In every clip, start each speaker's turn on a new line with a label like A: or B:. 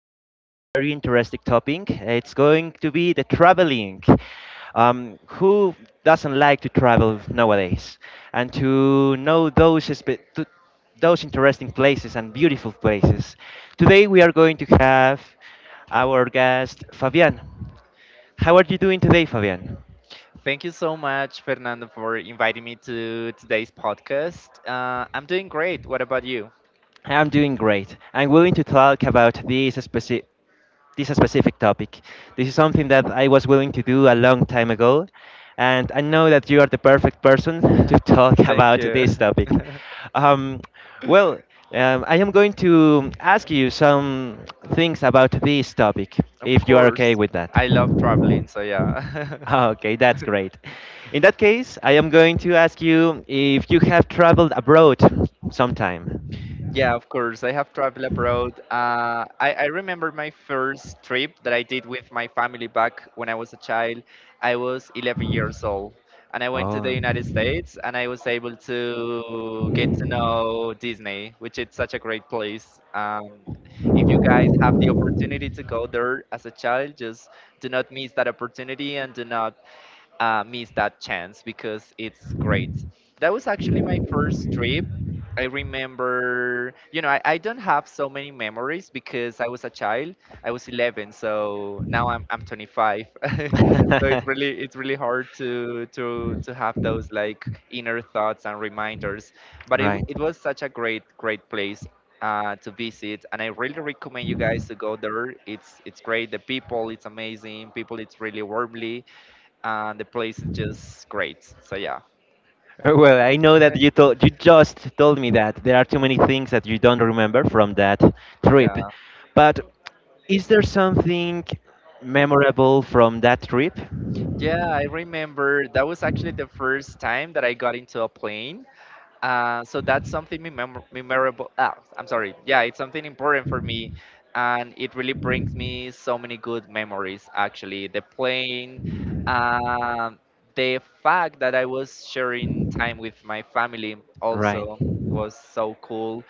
A: about a very interesting topic. It's going to be the traveling. Who doesn't like to travel nowadays? And to know those interesting places and beautiful places. Today we are going to have our guest Fabian. How are you doing today, Fabian?
B: Thank you so much, Fernando, for inviting me to today's podcast. I'm doing great. What about you?
A: I'm doing great. I'm willing to talk about this specific. This a specific topic. This is something that I was willing to do a long time ago, and I know that you are the perfect person to talk
B: Thank
A: about this
B: you.
A: topic. Um, well, I am going to ask you some things about this topic,
B: Of
A: if you are okay
B: course.
A: with that.
B: I love traveling, so yeah.
A: Okay, that's great. In that case, I am going to ask you if you have traveled abroad sometime.
B: Yeah, of course. I have traveled abroad. I remember my first trip that I did with my family back when I was a child. I was 11 years old and I went to the United States and I was able to get to know Disney, which is such a great place. If you guys have the opportunity to go there as a child, just do not miss that opportunity and do not miss that chance because it's great. That was actually my first trip. I remember, I don't have so many memories because I was a child. I was 11, so now I'm 25. So it's really it's really hard to to have those like inner thoughts and reminders. But
A: Right.
B: it was such a great place to visit, and I really recommend you guys to go there. It's great. The people, it's amazing. People, it's really warmly and the place is just great. So yeah,
A: Well, I know that you just told me that there are too many things that you don't remember from that trip.
B: yeah,
A: But is there something memorable from that trip?
B: yeah. I remember that was actually the first time that I got into a plane. So that's something memorable. Ah, I'm sorry. Yeah, it's something important for me, and it really brings me so many good memories. Actually, the plane, um, the fact that I was sharing time with my family
A: Right.
B: also was so cool,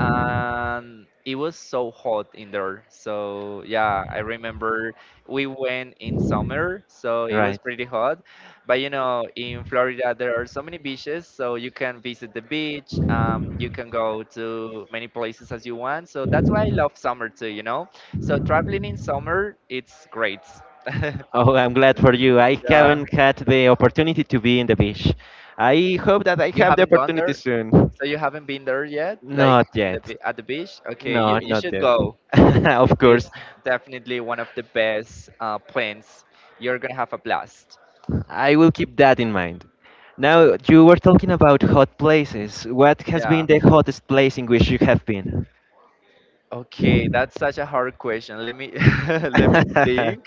B: and it was so hot in there. So yeah, I remember we went in summer, so it was
A: Right.
B: pretty hot, but you know, in Florida, there are so many beaches, so you can visit the beach. You can go to many places as you want. So that's why I love summer too, you know? So traveling in summer, it's great.
A: Oh, I'm glad for you. I
B: Yeah.
A: haven't had the opportunity to be in the beach. I hope that I
B: You
A: have the
B: haven't gone
A: opportunity
B: there?
A: soon.
B: So you haven't been there yet? Like
A: Not
B: in the
A: yet.
B: at the beach? Okay,
A: No,
B: you
A: not
B: should
A: yet.
B: go.
A: Of course.
B: It's definitely one of the best plans. You're gonna have a blast.
A: I will keep that in mind. Now, you were talking about hot places. What has
B: Yeah.
A: been the hottest place in which you have been?
B: Okay, that's such a hard question. Let me let me think.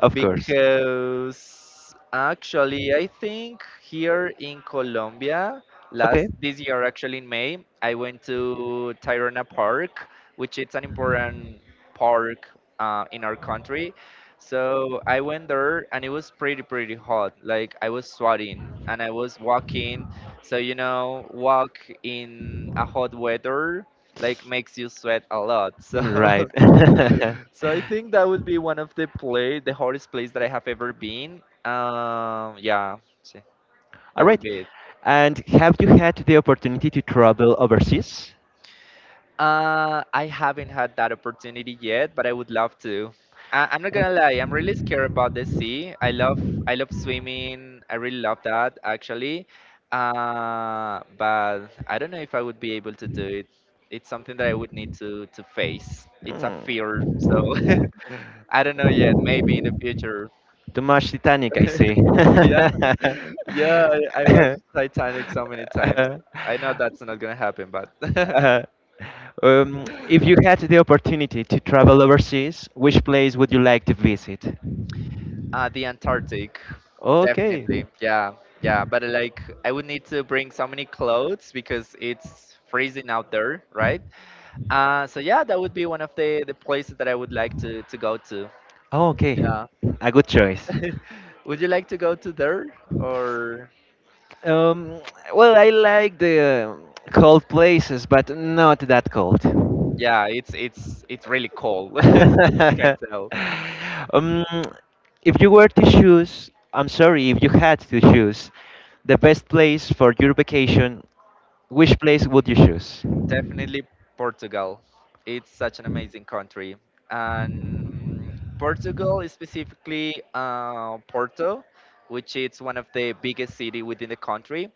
A: Of course.
B: Because actually I think here in Colombia
A: Okay.
B: last this year, actually in May, I went to Tirana Park, which is an important park in our country. So I went there and it was pretty hot, like I was sweating and I was walking, so you know, walk in a hot weather like makes you sweat a lot, so
A: Right.
B: so I think that would be one of the hardest place that I have ever been. Yeah, so
A: All
B: that would
A: right.
B: be it.
A: And have you had the opportunity to travel overseas?
B: I haven't had that opportunity yet, but I would love to. I'm not
A: Or-
B: gonna lie, I'm really scared about the sea. I love swimming. I really love that actually. But I don't know if I would be able to do it. It's something that I would need to face. It's a
A: Hmm.
B: fear, so I don't know yet. Maybe in the future.
A: Too much Titanic, I see.
B: Yeah. Yeah, I watched Titanic so many times. I know that's not gonna happen, but
A: If you had the opportunity to travel overseas, which place would you like to visit?
B: the Antarctic,
A: Okay.
B: definitely. Yeah, yeah. But like, I would need to bring so many clothes because it's freezing out there, right? So yeah, that would be one of the places that I would like to go to.
A: Oh, okay.
B: Yeah.
A: A good choice.
B: Would you like to go to there or?
A: Um, well, I like the cold places, but not that cold.
B: Yeah, it's really cold. Can't tell.
A: If you were to choose, I'm sorry, if you had to choose the best place for your vacation, which place would you choose?
B: Definitely Portugal. It's such an amazing country. And Portugal is specifically Porto, which is one of the biggest city within the country.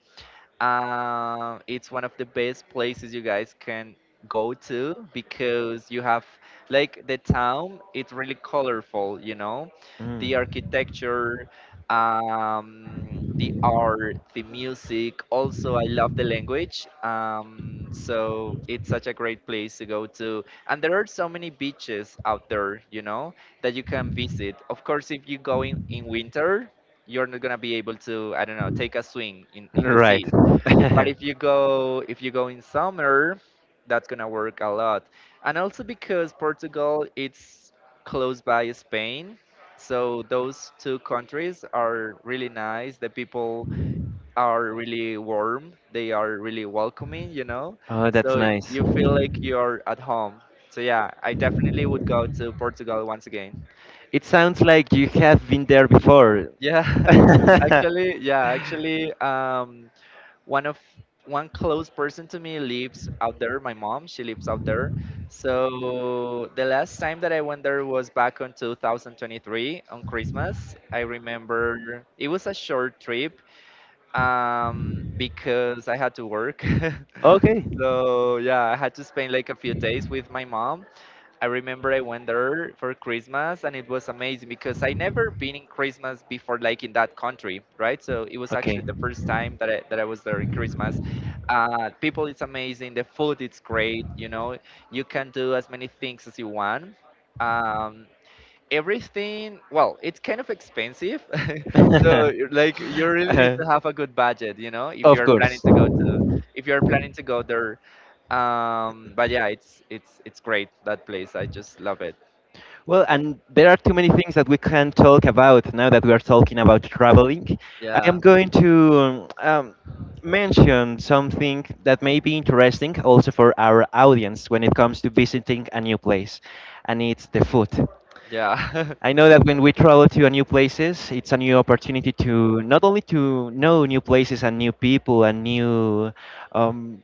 B: It's one of the best places you guys can go to because you have like the town. It's really colorful, you know, the architecture, the art, the music. Also, I love the language. So it's such a great place to go to, and there are so many beaches out there, you know, that you can visit. Of course, if you go in winter, you're not gonna be able to, I don't know, take a swing in the
A: Mm. Right.
B: sea, but if you go in summer, that's gonna work a lot. And also because Portugal it's close by Spain. So those two countries are really nice. The people are really warm. They are really welcoming, you know.
A: Oh, that's
B: So
A: nice.
B: you feel like you're at home. So yeah, I definitely would go to Portugal once again.
A: It sounds like you have been there before.
B: Yeah, actually, yeah, actually, one of one close person to me lives out there, my mom, she lives out there. So the last time that I went there was back on 2023 on Christmas. I remember it was a short trip, because I had to work.
A: Okay.
B: So yeah, I had to spend like a few days with my mom. I remember I went there for Christmas and it was amazing because I never been in Christmas before, like in that country, right? So it was actually
A: Okay.
B: the first time that I was there in Christmas. People it's amazing, the food it's great, you know, you can do as many things as you want. Um, Everything, well, it's kind of expensive. So you're like, you really need
A: Uh,
B: to have a good budget, you know, if
A: of
B: you're planning
A: course.
B: to go to if you're planning to go there but yeah, it's great, that place, I just love it.
A: Well, and there are too many things that we can talk about now that we are talking about traveling. I
B: Yeah,
A: am going to mention something that may be interesting also for our audience when it comes to visiting a new place, and it's the food.
B: yeah.
A: I know that when we travel to a new places, it's a new opportunity to not only to know new places and new people and new um,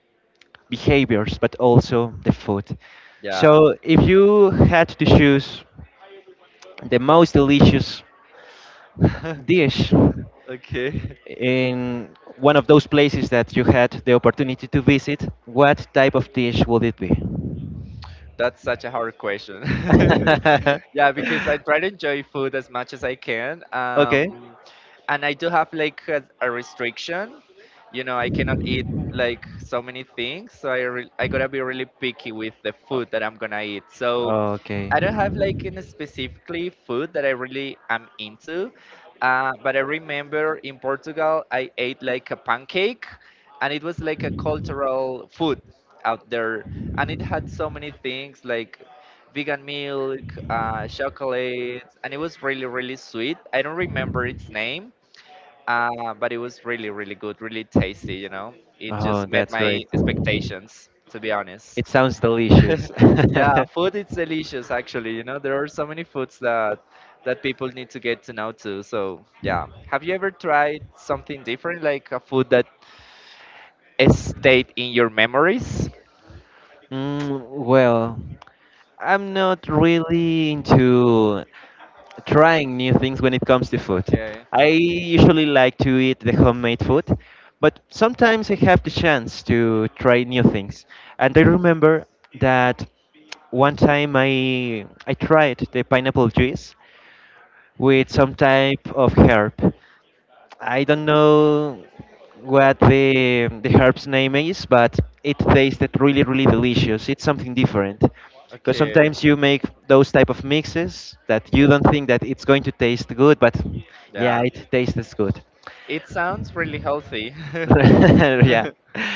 A: behaviors, but also the food.
B: Yeah.
A: So if you had to choose the most delicious dish
B: Okay.
A: in one of those places that you had the opportunity to visit, what type of dish would it be?
B: That's such a hard question. Yeah, because I try to enjoy food as much as I can.
A: Okay.
B: And I do have like a restriction. You know, I cannot eat like so many things, so I gotta be really picky with the food that I'm gonna eat. So
A: O- Okay.
B: I don't have like in specifically food that I really am into. But I remember in Portugal I ate like a pancake, and it was like a cultural food out there, and it had so many things like vegan milk, chocolates, and it was really sweet. I don't remember its name, but it was really good, really tasty, you know. It
A: Oh,
B: just met
A: that's
B: my
A: great.
B: expectations, to be
A: It
B: honest.
A: sounds delicious.
B: Yeah, food is delicious actually, you know, there are so many foods that people need to get to know too. So yeah, have you ever tried something different, like a food that stayed in your memories?
A: Mm, well, I'm not really into trying new things when it comes to food.
B: Okay.
A: I usually like to eat the homemade food, but sometimes I have the chance to try new things. And I remember that one time I tried the pineapple juice with some type of herb. I don't know what the herb's name is, but it tasted really, really delicious. It's something different. Because
B: Okay.
A: sometimes you make those type of mixes that you don't think that it's going to taste good, but yeah,
B: Yeah.
A: it tastes good.
B: It sounds really healthy.
A: yeah.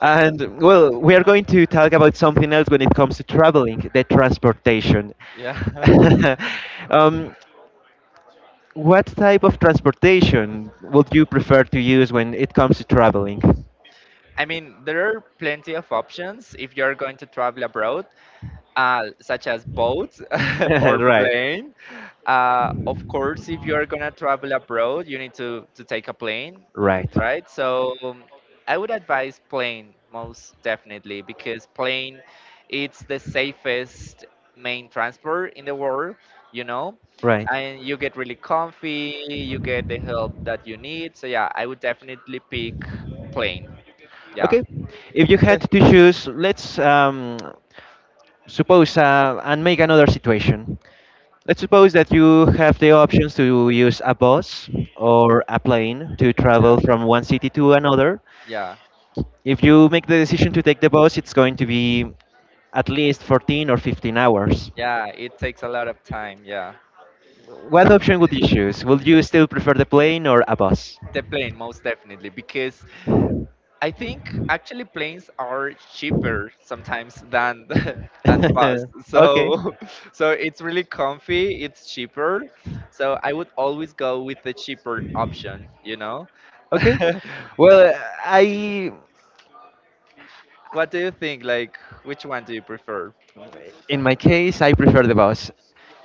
A: And well, we are going to talk about something else when it comes to traveling, the transportation.
B: Yeah.
A: um, what type of transportation would you prefer to use when it comes to traveling?
B: I mean, there are plenty of options if you're going to travel abroad, such as boats or
A: right.
B: plane. Of course, if you are gonna travel abroad, you need to take a plane,
A: Right.
B: right? So I would advise plane most definitely because plane it's the safest main transport in the world, you know,
A: Right.
B: and you get really comfy, you get the help that you need. So yeah, I would definitely pick plane. Yeah,
A: Okay. If you had to choose, let's suppose and make another situation. Let's suppose that you have the options to use a bus or a plane to
B: yeah,
A: travel from one city to another.
B: yeah,
A: If you make the decision to take the bus, it's going to be at least 14 or 15 hours.
B: yeah. It takes a lot of time. Yeah.
A: What option would you choose? Would you still prefer the plane or a bus?
B: The plane, most definitely, because I think actually planes are cheaper sometimes than than the bus.
A: okay.
B: So, so it's really comfy. It's cheaper. So I would always go with the cheaper option. You know,
A: Okay. Well, I,
B: what do you think? Like, which one do you prefer?
A: in my case, I prefer the bus.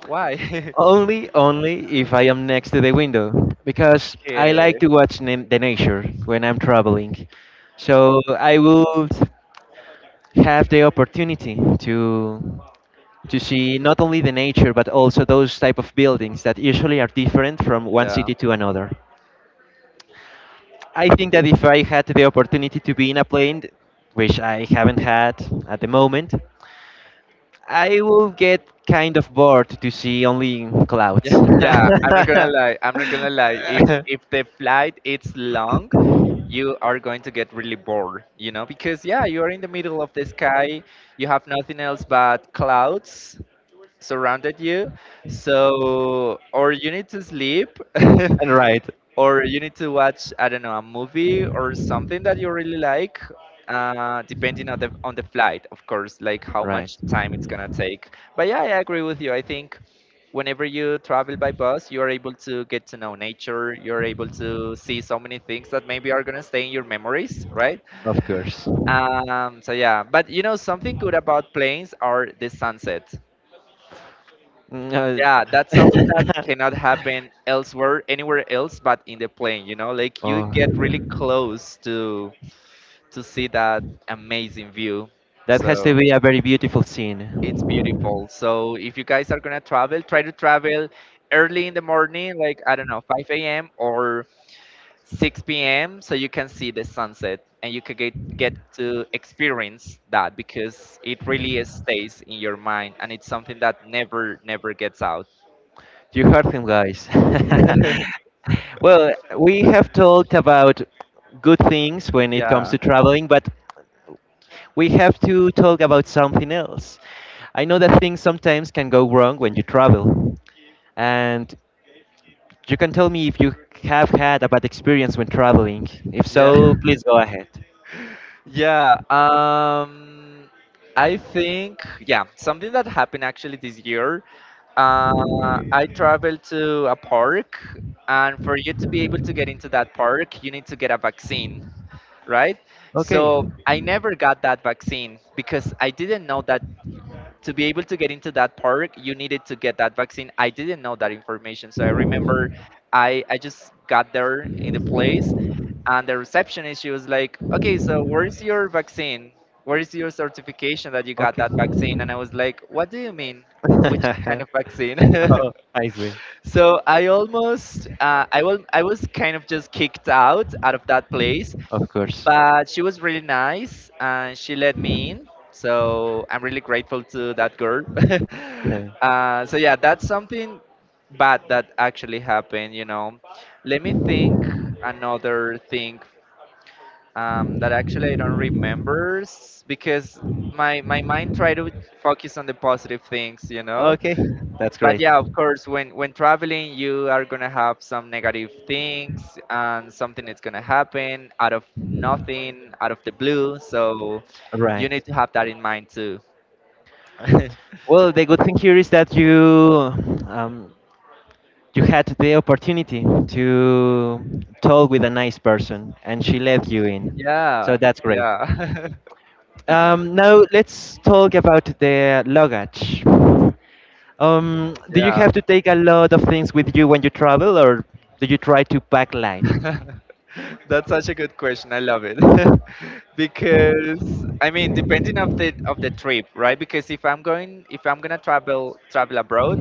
B: Why?
A: Only, only if I am next to the window, because I like
B: Okay.
A: to watch the nature when I'm traveling. So I would. Have the opportunity to see not only the nature but also those type of buildings that usually are different from one
B: Yeah.
A: city to another. I think that if I had the opportunity to be in a plane, which I haven't had at the moment, I will get kind of bored to see only clouds.
B: Yeah, yeah. I'm not gonna lie. I'm not gonna lie. If the flight it's long, you are going to get really bored, you know, because yeah, you are in the middle of the sky, you have nothing else but clouds, surrounded you. So, or you need to sleep,
A: And right.
B: or you need to watch, I don't know, a movie or something that you really like, depending on the flight, of course, like how
A: Right.
B: much time it's gonna take. But yeah, I agree with you. I think whenever you travel by bus, you are able to get to know nature. You're able to see so many things that maybe are gonna stay in your memories, right?
A: Of course.
B: So yeah, but you know something good about planes are the sunsets.
A: Mm,
B: Yeah, that's something that cannot happen elsewhere, anywhere else, but in the plane. You know, like you
A: oh,
B: get really close to see that amazing view.
A: that has to
B: So
A: be a very beautiful
B: it's
A: scene.
B: beautiful. So if you guys are gonna travel, try to travel early in the morning, like I don't know, 5 a.m. or 6 p.m. So you can see the sunset and you can get to experience that because it really stays in your mind and it's something that never gets out.
A: You heard him, guys. well, we have talked about good things when it
B: Yeah.
A: comes to traveling, but we have to talk about something else. I know that things sometimes can go wrong when you travel, and You can tell me if you have had a bad experience when traveling. If
B: Yeah.
A: so, please go ahead.
B: Yeah. I think, yeah, something that happened actually this year. I traveled to a park, and for you to be able to get into that park, you need to get a vaccine, right?
A: Okay.
B: So I never got that vaccine because I didn't know that to be able to get into that park, you needed to get that vaccine. I didn't know that information. So I remember I just got there in the place, and the receptionist, she was like, okay, so where's your vaccine? Where is your certification that you got
A: Okay.
B: that vaccine? And I was like, what do you mean? Which kind of vaccine?
A: oh, I see.
B: So I almost, I was kind of just kicked out out of that place,
A: Of course.
B: but she was really nice and she let me in, so I'm really grateful to that girl.
A: Yeah.
B: So yeah, that's something bad that actually happened. Let me think. Another thing, that actually I don't because my mind try to focus on the positive things, you know.
A: Okay, that's
B: But
A: great.
B: yeah, of course, when traveling, you are gonna have some negative things, and something is gonna happen out of nothing, out of the blue. So you need
A: Right.
B: to have that in mind too.
A: Well, the good thing here is that um, you had the opportunity to talk with a nice person, and she let you in. So
B: Yeah.
A: that's great.
B: Yeah.
A: Now let's talk about the luggage. Do you
B: Yeah.
A: have to take a lot of things with you when you travel, or do you try to pack light?
B: That's such a good question, I love it. Because I mean, depending of the trip, right? Because if I'm going if I'm gonna travel abroad,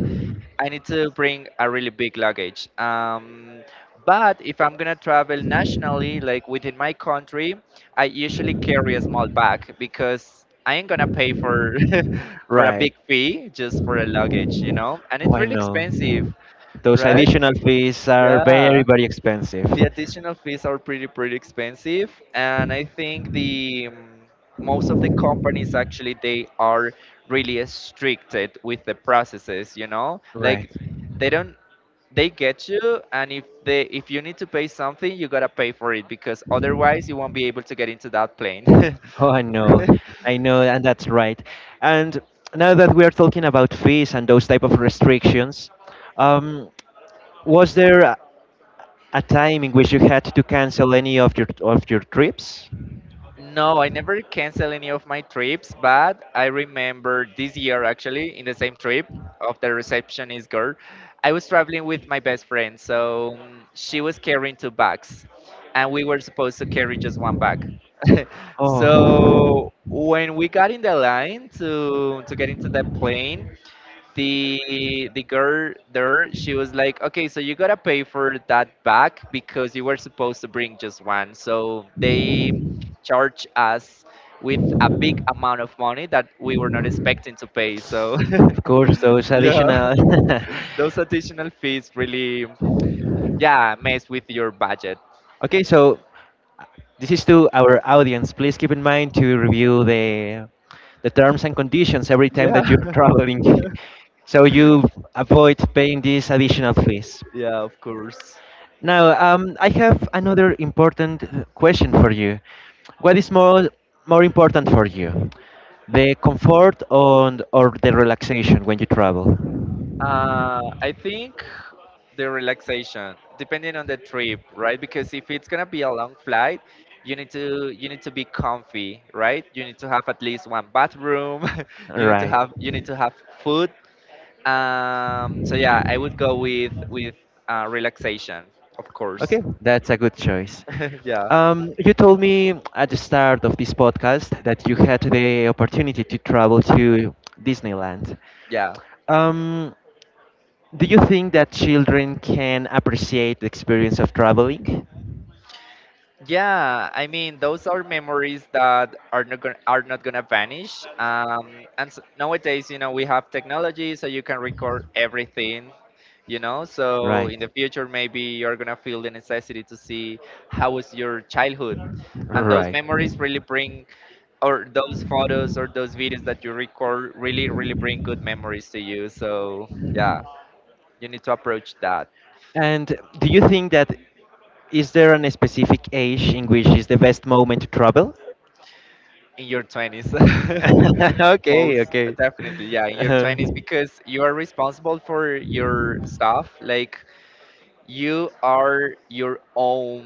B: I need to bring a really big luggage. But if I'm gonna travel nationally, like within my country, I usually carry a small bag, because I ain't gonna pay for for a
A: Right.
B: big fee just for a luggage, you know. And
A: Oh,
B: it's
A: I
B: really
A: know.
B: expensive,
A: Those
B: right?
A: additional fees are
B: Yeah,
A: very, very expensive.
B: the additional fees are pretty expensive, and I think the most of the companies actually, they are really restricted with the processes, you know,
A: Right.
B: like they don't they get you, and if they if you need to pay something, you gotta pay for it, because otherwise you won't be able to get into that plane.
A: Oh, I know, and that's right. And now that we are talking about fees and those type of restrictions, um, was there a time in which you had to cancel any of your trips?
B: No, I never cancel any of my trips, but I remember this year, actually, in the same trip of the receptionist girl, I was traveling with my best friend, so she was carrying two bags, and we were supposed to carry just one bag.
A: Oh,
B: So when we got in the line to get into the plane, the girl there, she was like, okay, so you gotta pay for that back because you were supposed to bring just one, so they charge us with a big amount of money that we were not expecting to pay. So
A: of course, those
B: yeah,
A: additional.
B: those additional fees really, yeah, mess with your budget.
A: Okay, so this is to our audience. Please keep in mind to review the terms and conditions every time
B: Yeah.
A: that you're traveling, so you avoid paying these additional fees.
B: Yeah, of course.
A: Now, I have another important question for you. What is more important for you, the comfort and or the relaxation when you travel?
B: I think the relaxation, depending on the trip, right? Because if it's gonna be a long flight, you need to be comfy, right? You need to have at least one bathroom.
A: Right.
B: You need to have food. So yeah, I would go with relaxation, of course.
A: Okay, that's a good choice.
B: Yeah,
A: You told me at the start of this podcast that you had the opportunity to travel to Disneyland.
B: yeah.
A: Um, do you think that children can appreciate the experience of traveling?
B: Yeah, I mean, those are memories that are not gonna vanish. And s Nowadays, you know, we have technology, so you can record everything. You know, so
A: Right.
B: in the future, maybe you're gonna feel the necessity to see how was your childhood, and those
A: Right.
B: memories really or those photos or those videos that you record, really bring good memories to you. So yeah, you need to approach that.
A: And do you think that is there an specific age in which is the best moment to travel?
B: In your twenties.
A: okay,
B: Most
A: okay.
B: definitely, yeah, in your
A: Uh,
B: twenties, because you are responsible for your stuff, like you are your own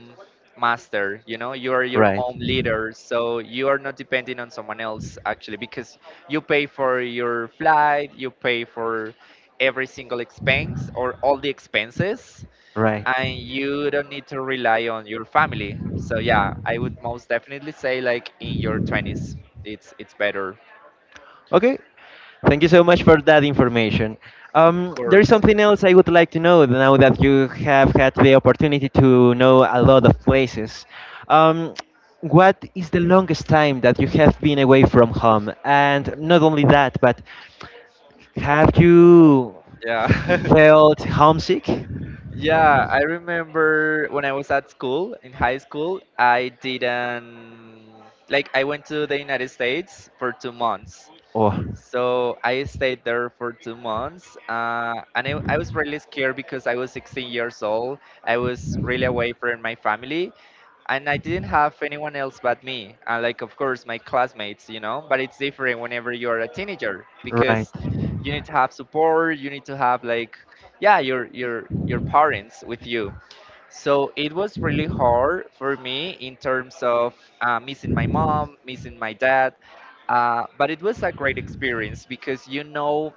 B: master, you know, you are your
A: right.
B: own leader, so you are not depending on someone else, actually, because you pay for your flight, you pay for every single expense, or all the expenses,
A: Right.
B: and you don't need to rely on your family. So yeah, I would most definitely say, like, in your twenties, it's better.
A: Okay. Thank you so much for that information.
B: Of
A: There is
B: course.
A: something else I would like to know now that you have had the opportunity to know a lot of places. Um, what is the longest time that you have been away from home? And not only that, but have you
B: Yeah.
A: felt homesick?
B: Yeah, I remember when I was at school, in high school, I didn't, like, I went to the United States for two months.
A: Oh,
B: So I stayed there for 2 months, and I was really scared because I was 16 years old. I was really away from my family, and I didn't have anyone else but me. And like, of course, my classmates, you know. But it's different whenever you're a teenager,
A: right.
B: because you need to have support. You need to have, like, yeah, your your parents with you. So it was really hard for me in terms of missing my mom, missing my dad. But it was a great experience, because you know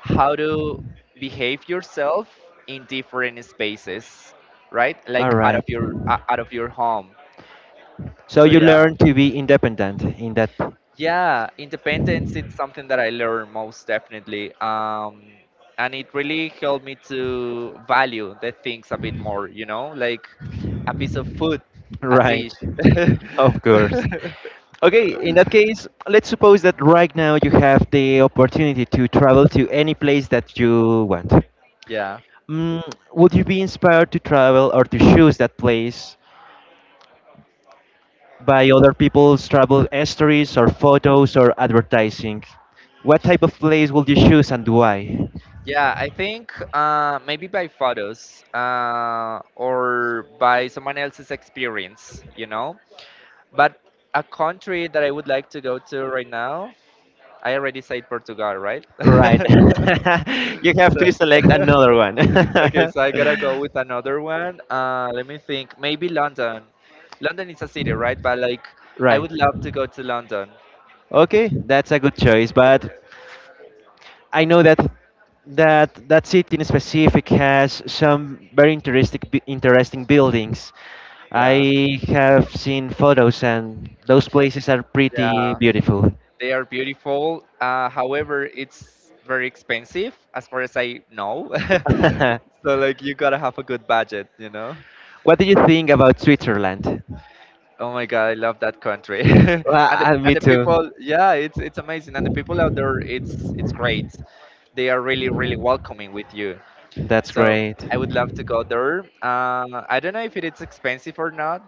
B: how to behave yourself in different spaces, right?
A: All
B: Like
A: right.
B: out of your home.
A: So
B: So
A: you
B: yeah.
A: learn to be independent in that.
B: Yeah, independence, it's something that I learned, most definitely. And it really helped me to value the things a bit more, you know, like a piece of food, a
A: Right.
B: dish.
A: Of course. Okay, in that case, let's suppose that right now you have the opportunity to travel to any place that you want.
B: Yeah.
A: Mm, would you be inspired to travel or to choose that place by other people's travel stories or photos or advertising. What type of place would you choose and why?
B: Yeah, I think maybe by photos, or by someone else's experience, you know. But a country that I would like to go to right now, I already said Portugal, right?
A: Right. you have
B: So,
A: to select another one.
B: okay, so I gotta go with another one. Let me think. Maybe London. London is a city, right? But like, I
A: right.
B: would love to go to London.
A: Okay, that's a good choice, but I know that that that city in specific has some very interesting buildings.
B: Yeah,
A: I have seen photos, and those places are pretty
B: yeah,
A: beautiful.
B: they are beautiful. However, it's very expensive, as far as I know. So like, you gotta have a good budget, you know.
A: what do you think about Switzerland?
B: Oh my God, I love that country.
A: Well,
B: And the, and
A: me
B: the
A: too.
B: people, yeah, it's amazing. And the people out there, it's great. They are really really welcoming with you.
A: That's
B: So
A: great.
B: I would love to go there. I don't know if it is expensive or not.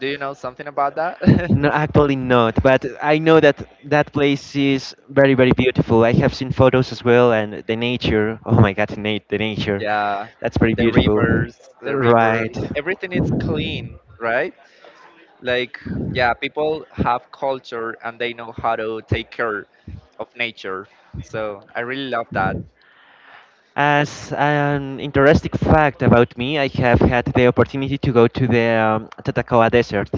B: Do you know something about that?
A: No, actually not. But I know that that place is very, very beautiful. I have seen photos as well, and the nature. Oh my God, Nate, the nature.
B: Yeah,
A: That's very
B: the
A: beautiful.
B: rivers, the rivers, everything is clean, right? Like, yeah, people have culture, and they know how to take care of nature. So I really love that.
A: Right. As an interesting fact about me, I have had the opportunity to go to the Tatacoa Desert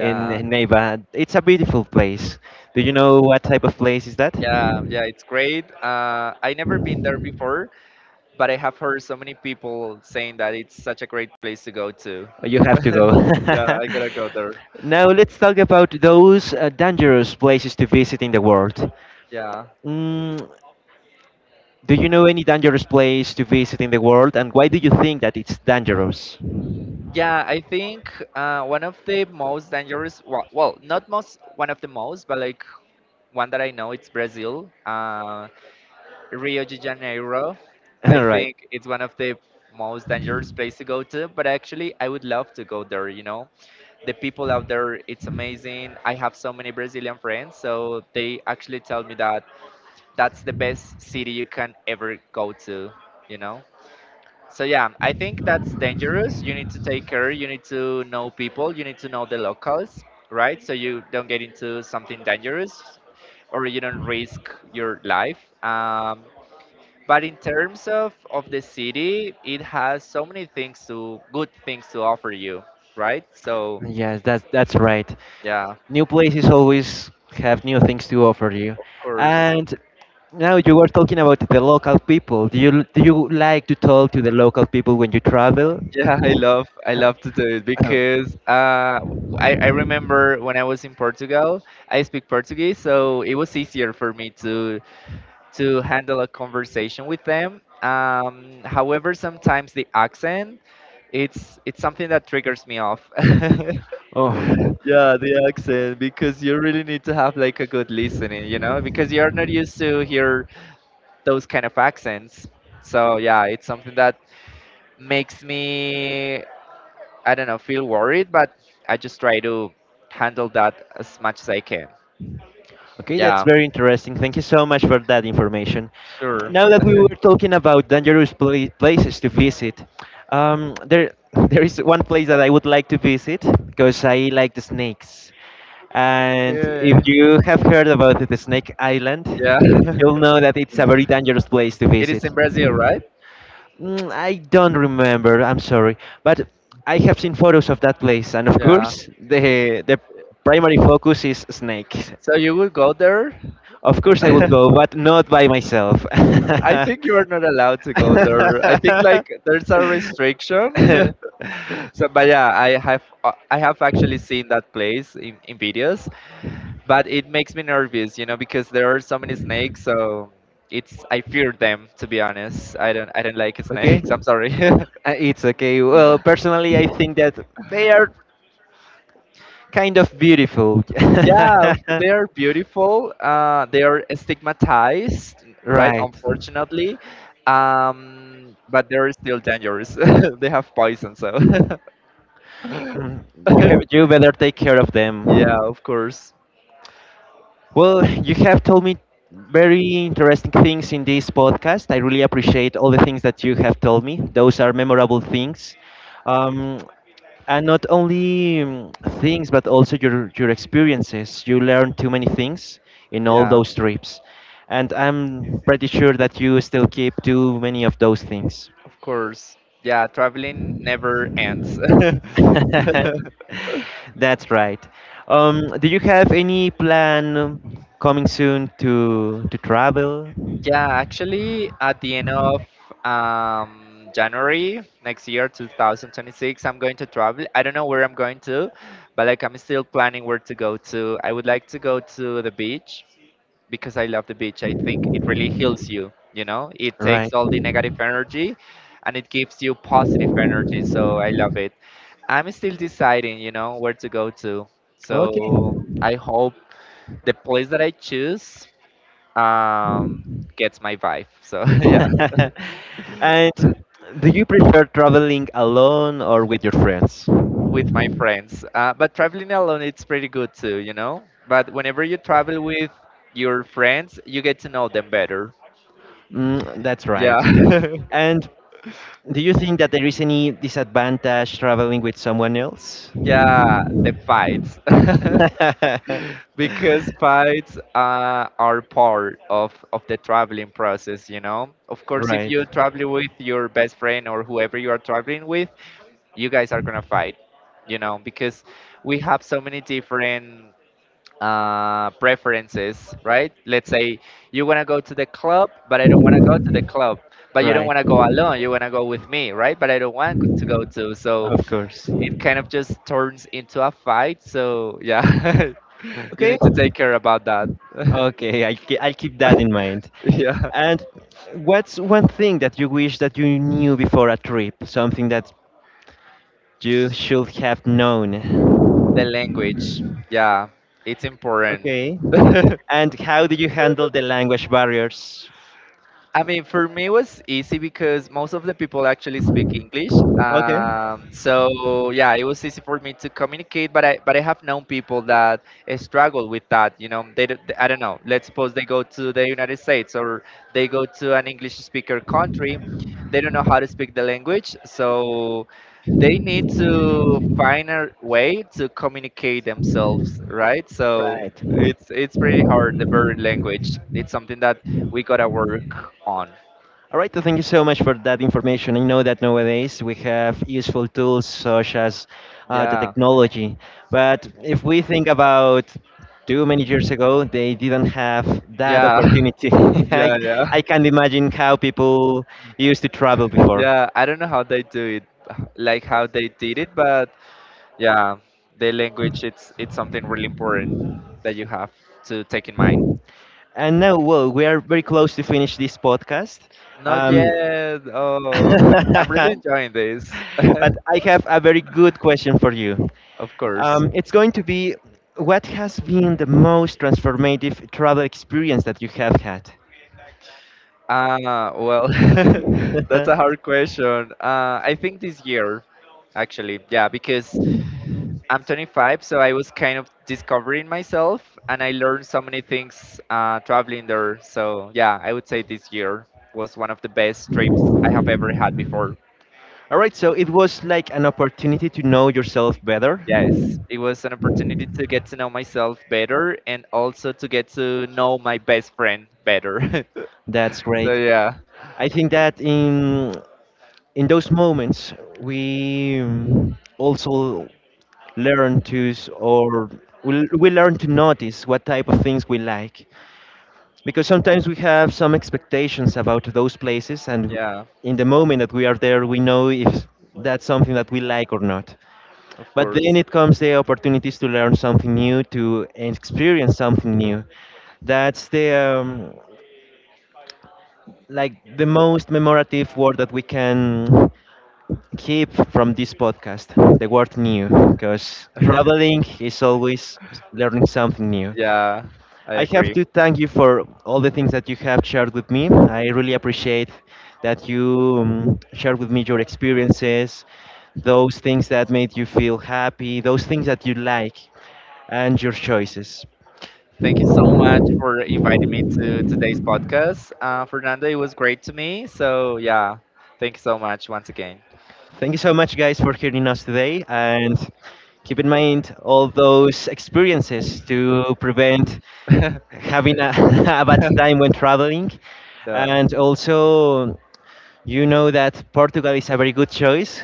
A: in Neiva. It's a beautiful place. Do you know what type of place is that?
B: yeah, yeah, it's great. I never been there before, but I have heard so many people saying that it's such a great place to go to.
A: You have to go.
B: Yeah, I gotta go there.
A: now let's talk about those dangerous places to visit in the world.
B: Yeah.
A: Mm, do you know any dangerous place to visit in the world, and why do you think that it's dangerous?
B: Yeah, I think one of the most dangerous, not most, one of the most, but like one that I know, it's Brazil. Rio de Janeiro, I
A: All right.
B: think it's one of the most dangerous place to go to, but actually I would love to go there, you know. The people out there, it's amazing. I have so many Brazilian friends, so they actually tell me that that's the best city you can ever go to, you know. So yeah, I think that's dangerous. You need to take care. You need to know people. You need to know the locals, right? So you don't get into something dangerous, or you don't risk your life. But in terms of the city, it has so many things to good things to offer you, right? So
A: Yes, that's right.
B: yeah,
A: New places always have new things to offer you.
B: of course.
A: And now you were talking about the local people. Do you like to talk to the local people when you travel?
B: Yeah, I love to do it,
A: Uh,
B: because I remember when I was in Portugal, I speak Portuguese, so it was easier for me to handle a conversation with them. However, sometimes the accent, it's something that triggers me off.
A: Oh. oh.
B: Yeah, the accent, because you really need to have, like, a good listening, you know, because you're not used to hear those kind of accents. So yeah, it's something that makes me, I don't know, feel worried, but I just try to handle that as much as I can.
A: Okay, that's
B: Yeah,
A: very interesting. Thank you so much for that information.
B: sure.
A: Now that we were talking about places to visit, there there is one place that I would like to visit because I like the snakes. And if
B: Okay.
A: you have heard about the Snake Island,
B: Yeah.
A: you'll know that it's a very dangerous place to
B: It is
A: visit.
B: in Brazil, right?
A: Mm, I don't remember. I'm sorry, but I have seen photos of that place, and of
B: Yeah.
A: course, the primary focus is snakes.
B: So you would go there?
A: Of course, I would
B: I
A: go, but not by myself.
B: think you are not allowed to go there. I think like there's a restriction. So, but yeah, I have actually seen that place in videos, but it makes me nervous, you know, because there are so many snakes. So it's, I fear them, to be honest. I don't like
A: okay.
B: snakes. I'm sorry.
A: It's okay. Well, personally, I think that they are kind of beautiful.
B: Yeah, they are beautiful. They are stigmatized, right?
A: right.
B: Unfortunately, but they're still dangerous. They have poison, so
A: Mm, You, you better take care of them.
B: yeah, of course.
A: Well, you have told me very interesting things in this podcast. I really appreciate all the things that you have told me. Those are memorable things. Um, and not only things, but also your experiences. You learned too many things in all
B: Yeah,
A: those trips. And I'm pretty sure that you still keep too many of those things.
B: of course. Yeah, traveling never ends.
A: That's right. Do you have any plan coming soon to travel?
B: Yeah, actually, at the end of January next year, 2026, I'm going to travel. I don't know where I'm going to, but like, I'm still planning where to go to. I would like to go to the beach because I love the beach. I think it really heals you, you know? It
A: Right.
B: takes all the negative energy, and it gives you positive energy. So I love it. I'm still deciding, you know, where to go to.
A: Okay.
B: So I hope the place that I choose um, gets my vibe. So yeah,
A: And do you prefer traveling alone or with your friends?
B: with my friends. But traveling alone, it's pretty good too, you know. But whenever you travel with your friends, you get to know them better.
A: Mm, that's
B: Yeah,
A: right. And do you think that there is any disadvantage traveling with someone else?
B: yeah, the fights. Because fights are part of the traveling process, you know. Of course, if
A: Right.
B: you travel with your best friend or whoever you are traveling with, you guys are gonna fight, you know, because we have so many different preferences, right? Let's say you want to go to the club, but I don't want to go to the club. But you don't
A: Right.
B: want to go alone. You want to go with me, right? But I don't want to go to. So
A: Of course.
B: it kind of just turns into a fight. So yeah, you
A: Okay.
B: need to take care about that.
A: Okay, I'll keep that in mind.
B: Yeah,
A: And what's one thing that you wish that you knew before a trip? Something that you should have
B: the
A: known?
B: language. Yeah, it's important.
A: Okay. And how did you handle the language barriers?
B: I mean, for me, it was easy because most of the people actually speak English.
A: Okay.
B: So yeah, it was easy for me to communicate. But I have known people that struggle with that. You know, they, do I don't know. Let's suppose they go to the United States, or they go to an English speaker country. They don't know how to speak the language, so they need to find a way to communicate themselves, right? So
A: Right.
B: it's pretty hard. The bird language. It's something that we gotta work on.
A: All right, so thank you so much for that information. I know that nowadays we have useful tools such as the
B: Yeah,
A: technology, but if we think about too many years ago, they didn't have that
B: yeah,
A: opportunity.
B: yeah,
A: I
B: yeah,
A: can't imagine how people used to travel before.
B: yeah. I don't know how they do it, like how they did it, but yeah, the language, it's something really important that you have to take in mind.
A: And now, well, we are very close to finish this podcast.
B: Not
A: Um,
B: yet. Oh, I'm really enjoying this.
A: but I have a very good question for you.
B: Of course.
A: It's going to be what has been the most transformative travel experience that you have had?
B: Uh, well, that's a hard question. I think this year, actually, yeah, because I'm 25, so I was kind of discovering myself, and I learned so many things traveling there. So yeah, I would say this year was one of the best trips I have ever had before.
A: All right, so it was like an opportunity to know yourself better.
B: Yes, it was an opportunity to get to know myself better, and also to get to know my best friend better.
A: That's great.
B: So yeah,
A: I think that in those moments we also learn to s- or we learn to notice what type of things we like because sometimes we have some expectations about those places and
B: yeah,
A: in the moment that we are there we know if that's something that we like or not
B: of
A: but then
B: course.
A: it comes the opportunities to learn something new to experience something new that's the like the most memorative word that we can keep from this podcast the word new because traveling is always learning something new
B: Yeah, I
A: I have
B: agree.
A: to thank you for all the things that you have shared with me. I really appreciate that you shared with me your experiences, those things that made you feel happy, those things that you like, and your choices.
B: Thank you so much for inviting me to today's podcast. Fernando, it was great to me. So, yeah, thank you so much once again.
A: Thank you so much, guys, for hearing us today. And keep in mind all those experiences to prevent
B: Yeah,
A: having a bad time when traveling.
B: bye
A: And also, you know that Portugal is a very good choice.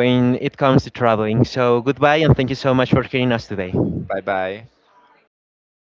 A: When it comes to traveling. So goodbye and thank you so much for hearing us today.
B: bye.